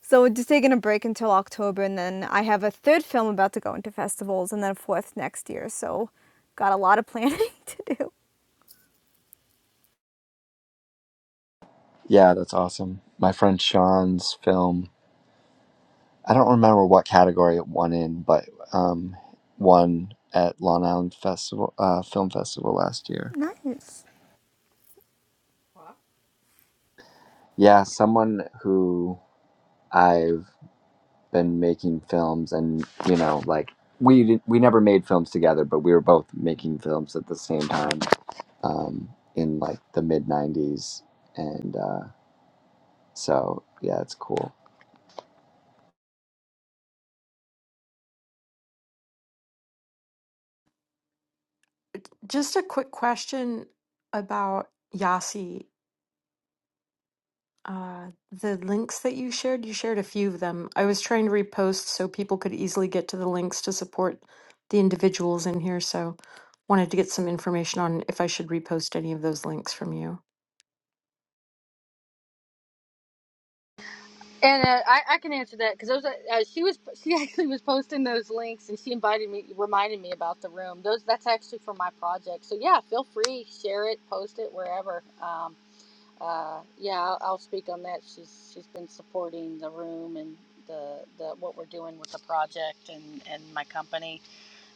M: So we're just taking a break until October, and then I have a third film about to go into festivals, and then a fourth next year. So got a lot of [laughs] planning to do.
A: Yeah, that's awesome. My friend Sean's film. I don't remember what category it won in, but um, won at Long Island Festival uh, Film Festival last year.
M: Nice.
A: Yeah, someone who I've been making films and you know like we did, we never made films together but we were both making films at the same time um, in like the mid 90s and uh, so yeah it's cool
C: just a quick question about Yasi. Uh, the links that you shared, you shared a few of them. I was trying to repost so people could easily get to the links to support the individuals in here. So wanted to get some information on if I should repost any of those links from you.
L: And uh, I, I can answer that because those uh, uh, she was [laughs] she actually was posting those links and she invited me reminded me about the room. Those that's actually for my project. So yeah, feel free share it, post it wherever. Um, uh, yeah, I'll, I'll speak on that. She's she's been supporting the room and the, the what we're doing with the project and and my company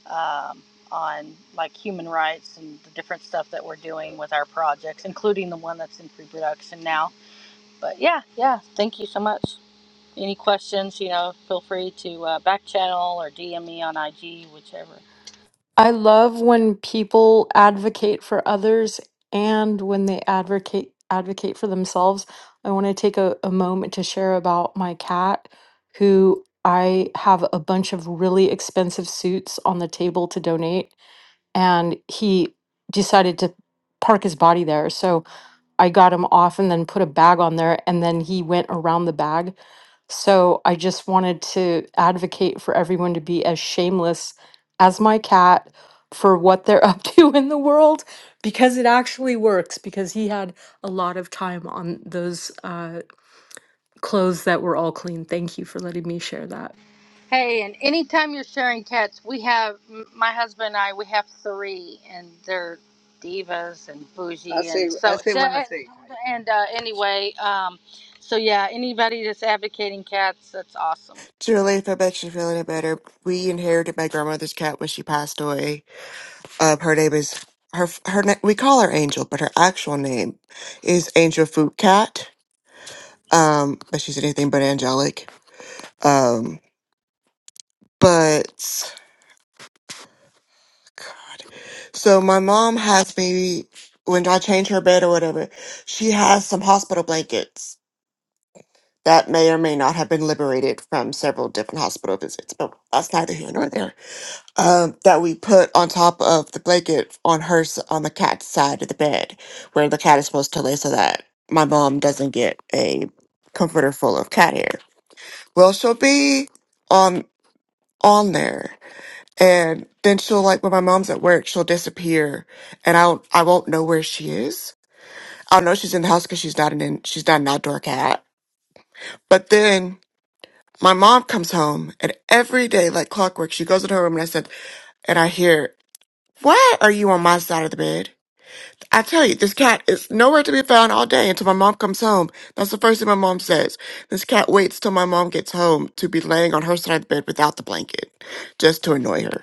L: um, on like human rights and the different stuff that we're doing with our projects, including the one that's in pre-production now. But yeah, yeah, thank you so much. Any questions, you know, feel free to uh, back channel or DM me on IG, whichever.
C: I love when people advocate for others and when they advocate advocate for themselves. I want to take a, a moment to share about my cat who I have a bunch of really expensive suits on the table to donate and he decided to park his body there. So I got him off and then put a bag on there, and then he went around the bag. So I just wanted to advocate for everyone to be as shameless as my cat for what they're [laughs] up to in the world because it actually works because he had a lot of time on those uh, clothes that were all clean. Thank you for letting me share that.
L: Hey, and anytime you're sharing cats, we have m- my husband and I. We have three, and they're divas and I bougie, say and I so say so. when I And, say and uh, anyway, um, so yeah, anybody that's advocating cats, that's awesome.
D: [laughs] Julie, if it makes you feel any better, we inherited my grandmother's cat when she passed away. Uh, her name is her her na- we call her Angel, but her actual name is Angel Food Cat. Um, but she's anything but angelic. Um, but God. So my mom has me when I change her bed or whatever, she has some hospital blankets that may or may not have been liberated from several different hospital visits, but that's neither here nor there. Um, that we put on top of the blanket on her s- on the cat's side of the bed, where the cat is supposed to lay, so that my mom doesn't get a comforter full of cat hair. Well, she'll be on on there and then she'll like when my mom's at work, she'll disappear, and I'll I won't know where she is. I'll know she's in the house because she's not an in, she's not an outdoor cat. But then my mom comes home, and every day like clockwork, she goes in her room, and I said, and I hear, "Why are you on my side of the bed?" I tell you, this cat is nowhere to be found all day until my mom comes home. That's the first thing my mom says. This cat waits till my mom gets home to be laying on her side of the bed without the blanket, just to annoy her.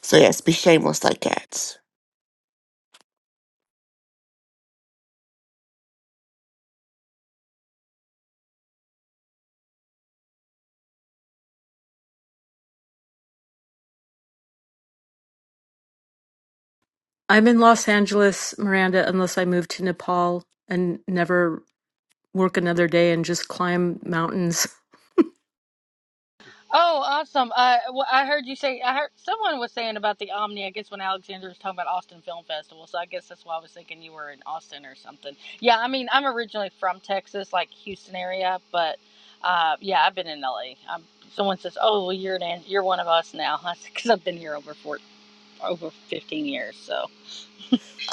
D: So yes, be shameless like cats.
C: I'm in Los Angeles, Miranda, unless I move to Nepal and never work another day and just climb mountains. [laughs]
L: Oh, awesome! Uh, well, I heard you say I heard someone was saying about the Omni. I guess when Alexander was talking about Austin Film Festival, so I guess that's why I was thinking you were in Austin or something. Yeah, I mean, I'm originally from Texas, like Houston area, but uh, yeah, I've been in LA. i someone says, "Oh, well, you're an you're one of us now," [laughs] because I've been here over four, over 15 years. So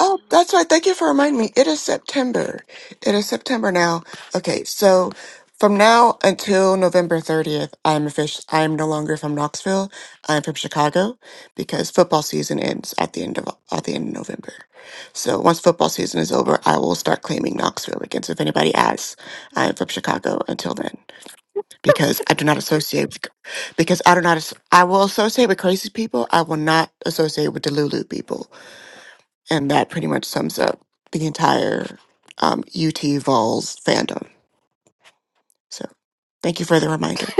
D: Oh, that's right. Thank you for reminding me. It is September. It is September now. Okay, so from now until November 30th, I'm official. I am no longer from Knoxville. I'm from Chicago because football season ends at the end of at the end of November. So once football season is over, I will start claiming Knoxville again. So if anybody asks, I am from Chicago until then because I do not associate with, because I do not as- I will associate with crazy people. I will not associate with Delulu people and that pretty much sums up the entire um, UT Vols fandom. So thank you for the reminder.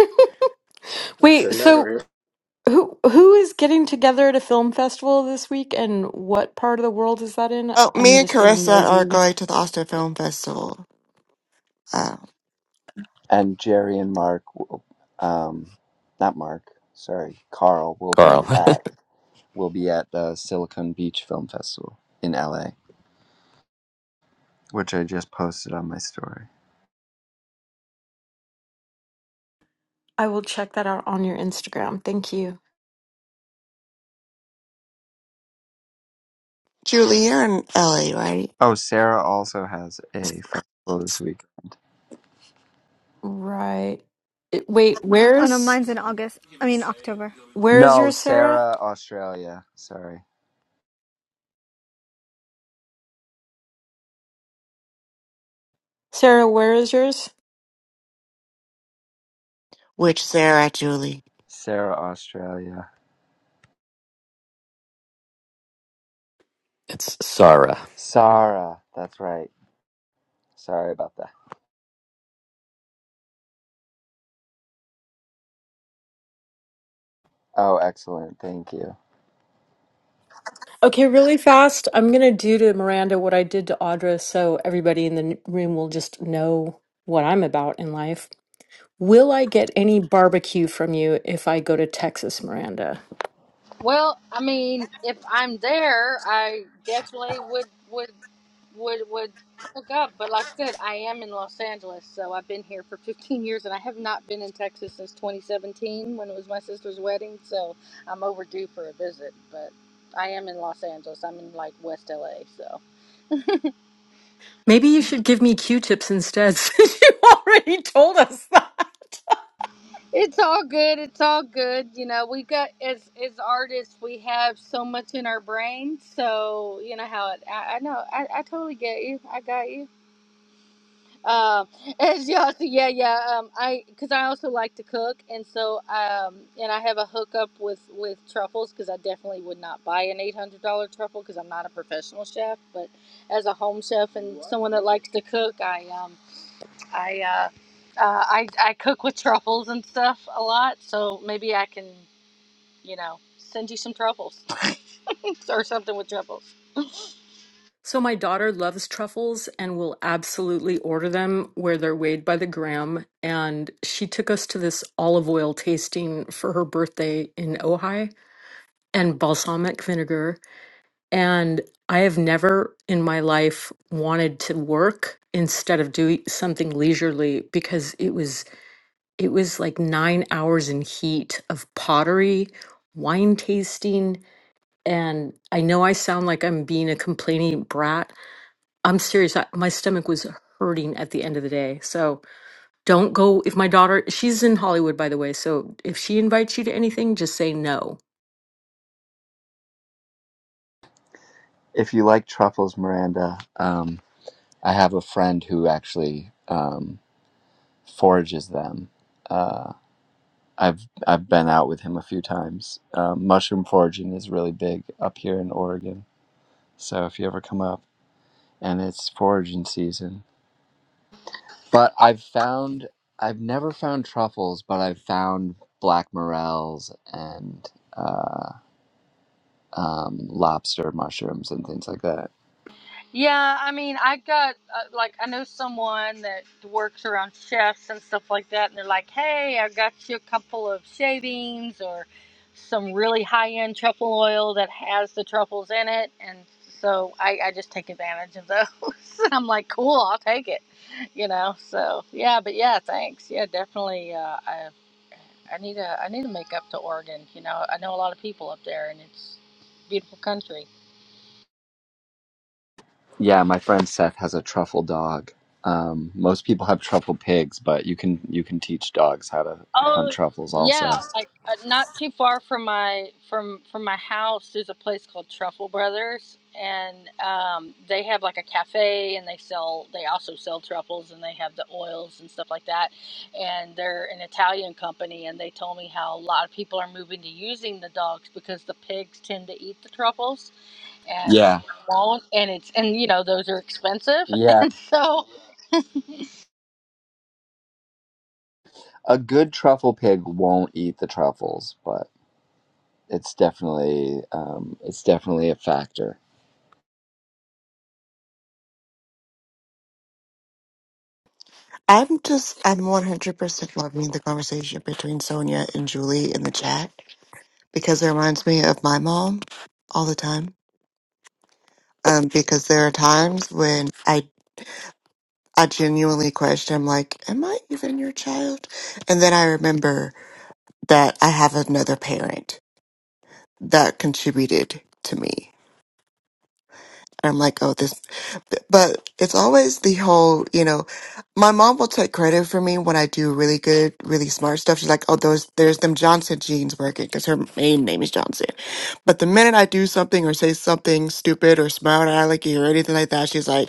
J: That's
C: Wait, so
J: hilarious.
C: who who is getting together at a film festival this week and what part of the world is that in?
D: Oh, me
C: I'm
D: and
C: just being
D: Carissa
C: nosy.
D: are going to the Austin Film Festival. Uh,
A: and jerry and mark um, not mark sorry carl will be
I: Carl.
A: at will be at the silicon beach film festival in la which i just posted on my story
C: I will check that out on your Instagram. Thank you.
D: Julie, you're in LA, right?
A: oh sarah also has a festival this week
C: Right. It- Wait,
M: Oh no,
C: where's
M: mine's in August. I mean October.
C: where is
A: no
C: your Sarah?
A: sarah australia sorry
C: Sarah, where is yours?
D: Which Sarah, Julie?
A: Sarah, Australia.
I: [laughs] it's Sarah.
A: Sarah, that's right. Sorry about that. Oh, excellent. Thank you.
C: Okay, really fast. I'm going to do to Miranda what I did to Audra so everybody in the n- room will just know what I'm about in life. Will I get any barbecue from you if I go to Texas, Miranda?
L: Well, I mean, if I'm there, I definitely would would would would hook up. But like I said, I am in Los Angeles, so I've been here for [laughs] 15 years, and I have not been in Texas since 2017 when it was my sister's wedding. So I'm overdue for a visit. But I am in Los Angeles. I'm in like West LA, so
C: Maybe you should give me Q tips instead [laughs] since you already told us that.
L: it's all good. It's all good. You know, we got as as artists, we have so much in our brain. So you know how it. I, I know. I, I totally get you. I got you. Um, [laughs] as y'all see, yeah, yeah. Um, I because I also like to cook, and so um, and I have a hookup with with truffles because I definitely would not buy an eight hundred dollar truffle because I'm not a professional chef, but as a home chef and someone that likes to cook, I um I uh, uh I I cook with truffles and stuff a lot, so maybe I can you know send you some truffles [laughs] or something with truffles.
C: So, my daughter loves truffles and will absolutely order them where they're weighed by the gram. And she took us to this olive oil tasting for her birthday in Ojai. and balsamic vinegar. And I have never in my life wanted to work instead of doing something leisurely because it was it was like nine hours in heat of pottery, wine tasting, and I know I sound like I'm being a complaining brat. I'm serious. I, my stomach was hurting at the end of the day. So don't go if my daughter she's in Hollywood by the way. So if she invites you to anything, just say no
A: If you like truffles, Miranda, um, I have a friend who actually um, forages them. Uh, I've I've been out with him a few times. Um, mushroom foraging is really big up here in Oregon. So if you ever come up, and it's foraging season. But I've found I've never found truffles, but I've found black morels and. Uh, um, lobster mushrooms and things like that.
L: Yeah, I mean, I got uh, like I know someone that works around chefs and stuff like that, and they're like, "Hey, I got you a couple of shavings or some really high-end truffle oil that has the truffles in it," and so I, I just take advantage of those. [laughs] I'm like, "Cool, I'll take it," you know. So yeah, but yeah, thanks. Yeah, definitely. Uh, I I need to I need to make up to Oregon. You know, I know a lot of people up there, and it's a beautiful country.
A: Yeah, my friend Seth has a truffle dog. Um, most people have truffle pigs, but you can you can teach dogs how to hunt
L: Oh
A: truffles also.
L: yeah, like uh, not too far from my from from my house. There's a place called Truffle Brothers, and um, they have like a cafe, and they sell. They also sell truffles, and they have the oils and stuff like that. And they're an Italian company, and they told me how a lot of people are moving to using the dogs because the pigs tend to eat the truffles, and they
A: Yeah,
L: won't. And it's and you know those are expensive, [laughs]
A: yeah.
L: and so
A: A good truffle pig won't eat the truffles, but it's definitely um, it's definitely a factor.
D: I'm just, I'm 100% loving the conversation between Sonia and Julie in the chat because it reminds me of my mom all the time. Um, because there are times when I, I genuinely question, like, am I even your child? And then I remember that I have another parent that contributed to me. And I'm like, oh, this, but it's always the whole, you know, my mom will take credit for me when I do really good, really smart stuff. She's like, oh, those, there's them Johnson genes working because her main name is Johnson. But the minute I do something or say something stupid or smile at I like or anything like that, she's like,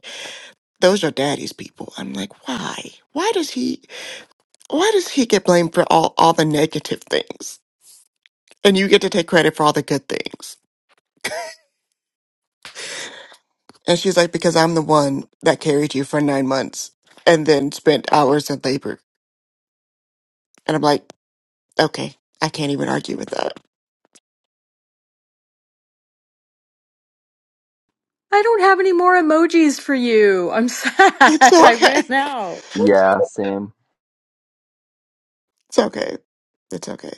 D: those are daddy's people. I'm like, why? Why does he, why does he get blamed for all, all the negative things? And you get to take credit for all the good things. [laughs] And she's like, because I'm the one that carried you for nine months and then spent hours in labor. And I'm like, okay, I can't even argue with that. [laughs]
C: I don't have any more emojis for you. I'm sad. [laughs]
D: It's
C: I
D: okay.
C: ran out.
A: Yeah, same.
D: It's okay. It's okay.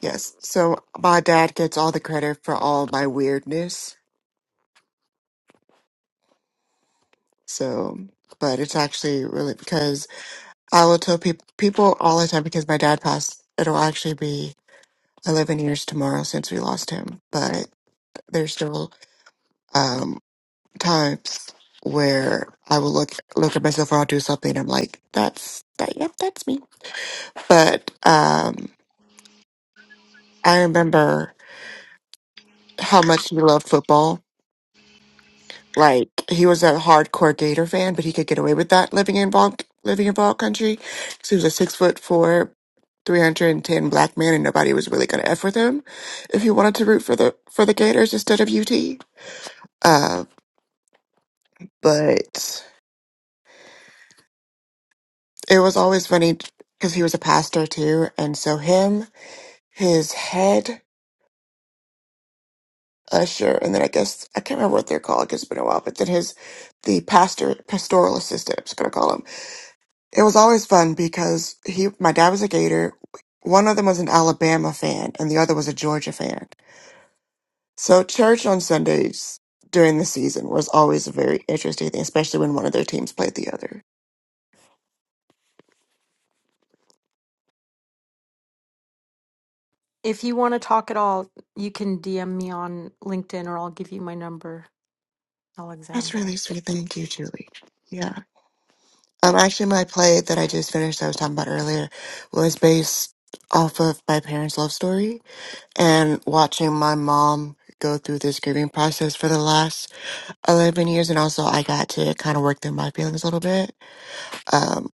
D: Yes. So my dad gets all the credit for all my weirdness. So, but it's actually really because I will tell peop people all the time because my dad passed. It'll actually be 11 years tomorrow since we lost him, but there's still, um, times where I will look look at myself or I'll do something and I'm like, that's that yep, that's me. But um I remember how much he loved football. Like he was a hardcore Gator fan, but he could get away with that living in ball living in ball country. 'Cause he was a six foot four, three hundred and ten black man and nobody was really gonna F with him if you wanted to root for the for the Gators instead of UT. Uh but it was always funny because he was a pastor too, and so him his head usher, and then I guess I can't remember what they're called because it's been a while. But then his the pastor pastoral assistant, I'm just gonna call him. It was always fun because he my dad was a Gator. One of them was an Alabama fan, and the other was a Georgia fan. So church on Sundays during the season was always a very interesting thing, especially when one of their teams played the other.
C: If you want to talk at all, you can DM me on LinkedIn or I'll give you my number,
D: That's
C: Alexandra.
D: really sweet. Thank you, Julie. Yeah. Um, actually, my play that I just finished, I was talking about earlier, was based off of my parents' love story. and watching my mom go through this grieving process for the last 11 years and also i got to kind of work through my feelings a little bit um,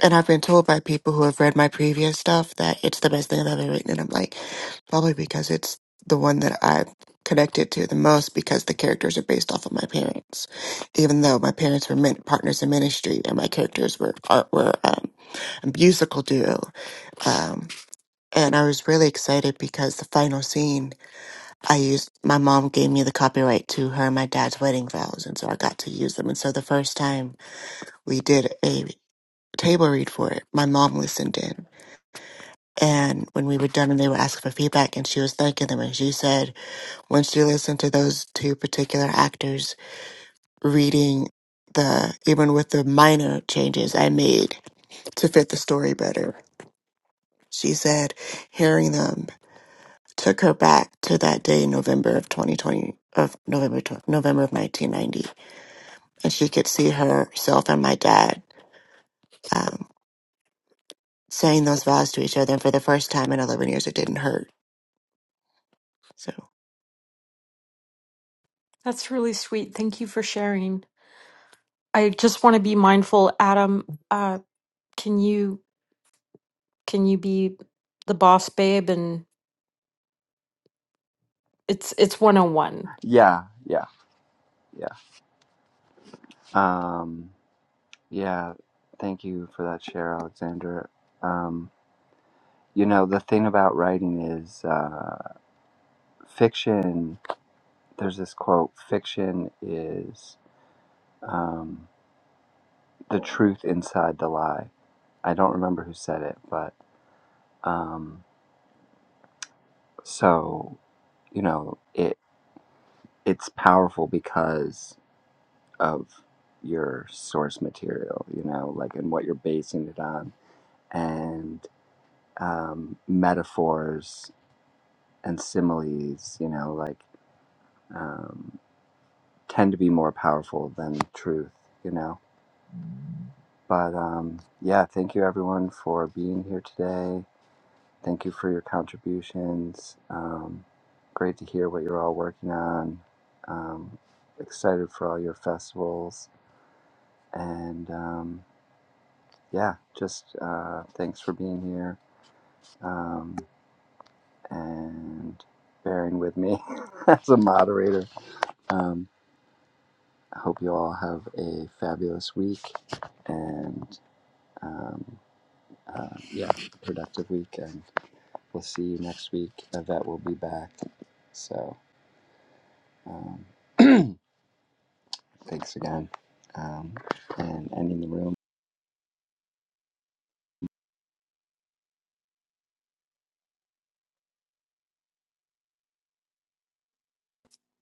D: and i've been told by people who have read my previous stuff that it's the best thing i've ever written and i'm like probably because it's the one that i connected to the most because the characters are based off of my parents even though my parents were min- partners in ministry and my characters were are, were um, a musical duo um, and i was really excited because the final scene I used my mom gave me the copyright to her and my dad's wedding vows, and so I got to use them. And so the first time we did a table read for it, my mom listened in. And when we were done and they were asking for feedback and she was thanking them and she said when she listened to those two particular actors reading the even with the minor changes I made to fit the story better, she said hearing them took her back to that day in November of 2020 of November tw- November of 1990 and she could see herself and my dad um, saying those vows to each other. And for the first time in 11 years, it didn't hurt. So.
C: That's really sweet. Thank you for sharing. I just want to be mindful, Adam. Uh, can you can you be the boss babe and it's it's one on one.
A: Yeah, yeah, yeah. Um, yeah. Thank you for that share, Alexandra. Um, you know the thing about writing is. Uh, fiction there's this quote fiction is um, the truth inside the lie i don't remember who said it but um, so you know it it's powerful because of your source material you know like and what you're basing it on and um, metaphors and similes you know like um, tend to be more powerful than truth you know But um, yeah, thank you everyone for being here today. Thank you for your contributions. Um, great to hear what you're all working on. Um, excited for all your festivals. And um, yeah, just uh, thanks for being here um, and bearing with me [laughs] as a moderator. Um, I hope you all have a fabulous week and um, uh, yeah, productive week. and. we'll see you next week. Yvette will be back. So um, [clears throat] thanks again. Um, and ending the room.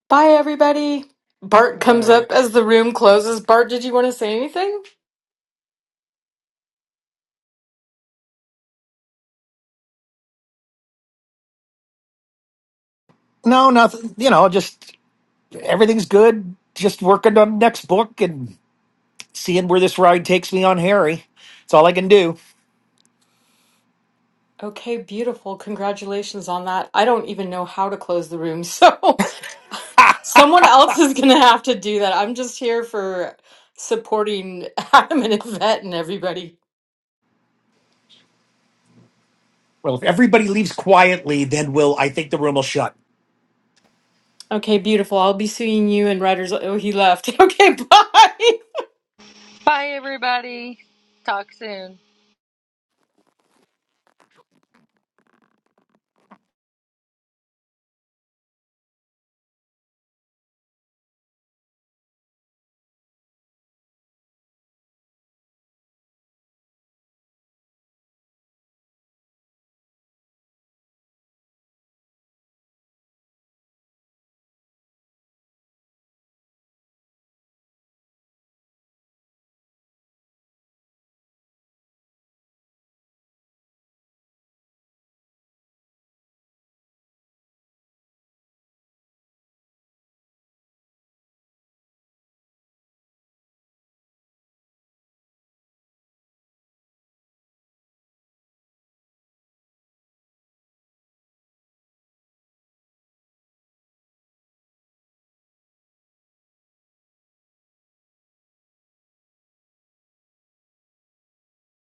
C: Bye everybody. Bart comes
J: Hi.
C: up as the room closes. Bart, did you want to say anything?
N: No, nothing. You know, just everything's good. Just working on next book and seeing where this ride takes me on Harry. It's all I can do.
C: Okay, beautiful. Congratulations on that. I don't even know how to close the room, so [laughs] someone else is going to have to do that. I'm just here for supporting [laughs] Adam and Yvette and everybody.
N: Well, if everybody leaves quietly, then we'll. I think the room will shut.
C: Okay, beautiful. I'll be seeing you and Writers. Oh, he left. [laughs] Okay, bye.
L: bye everybody. Talk soon.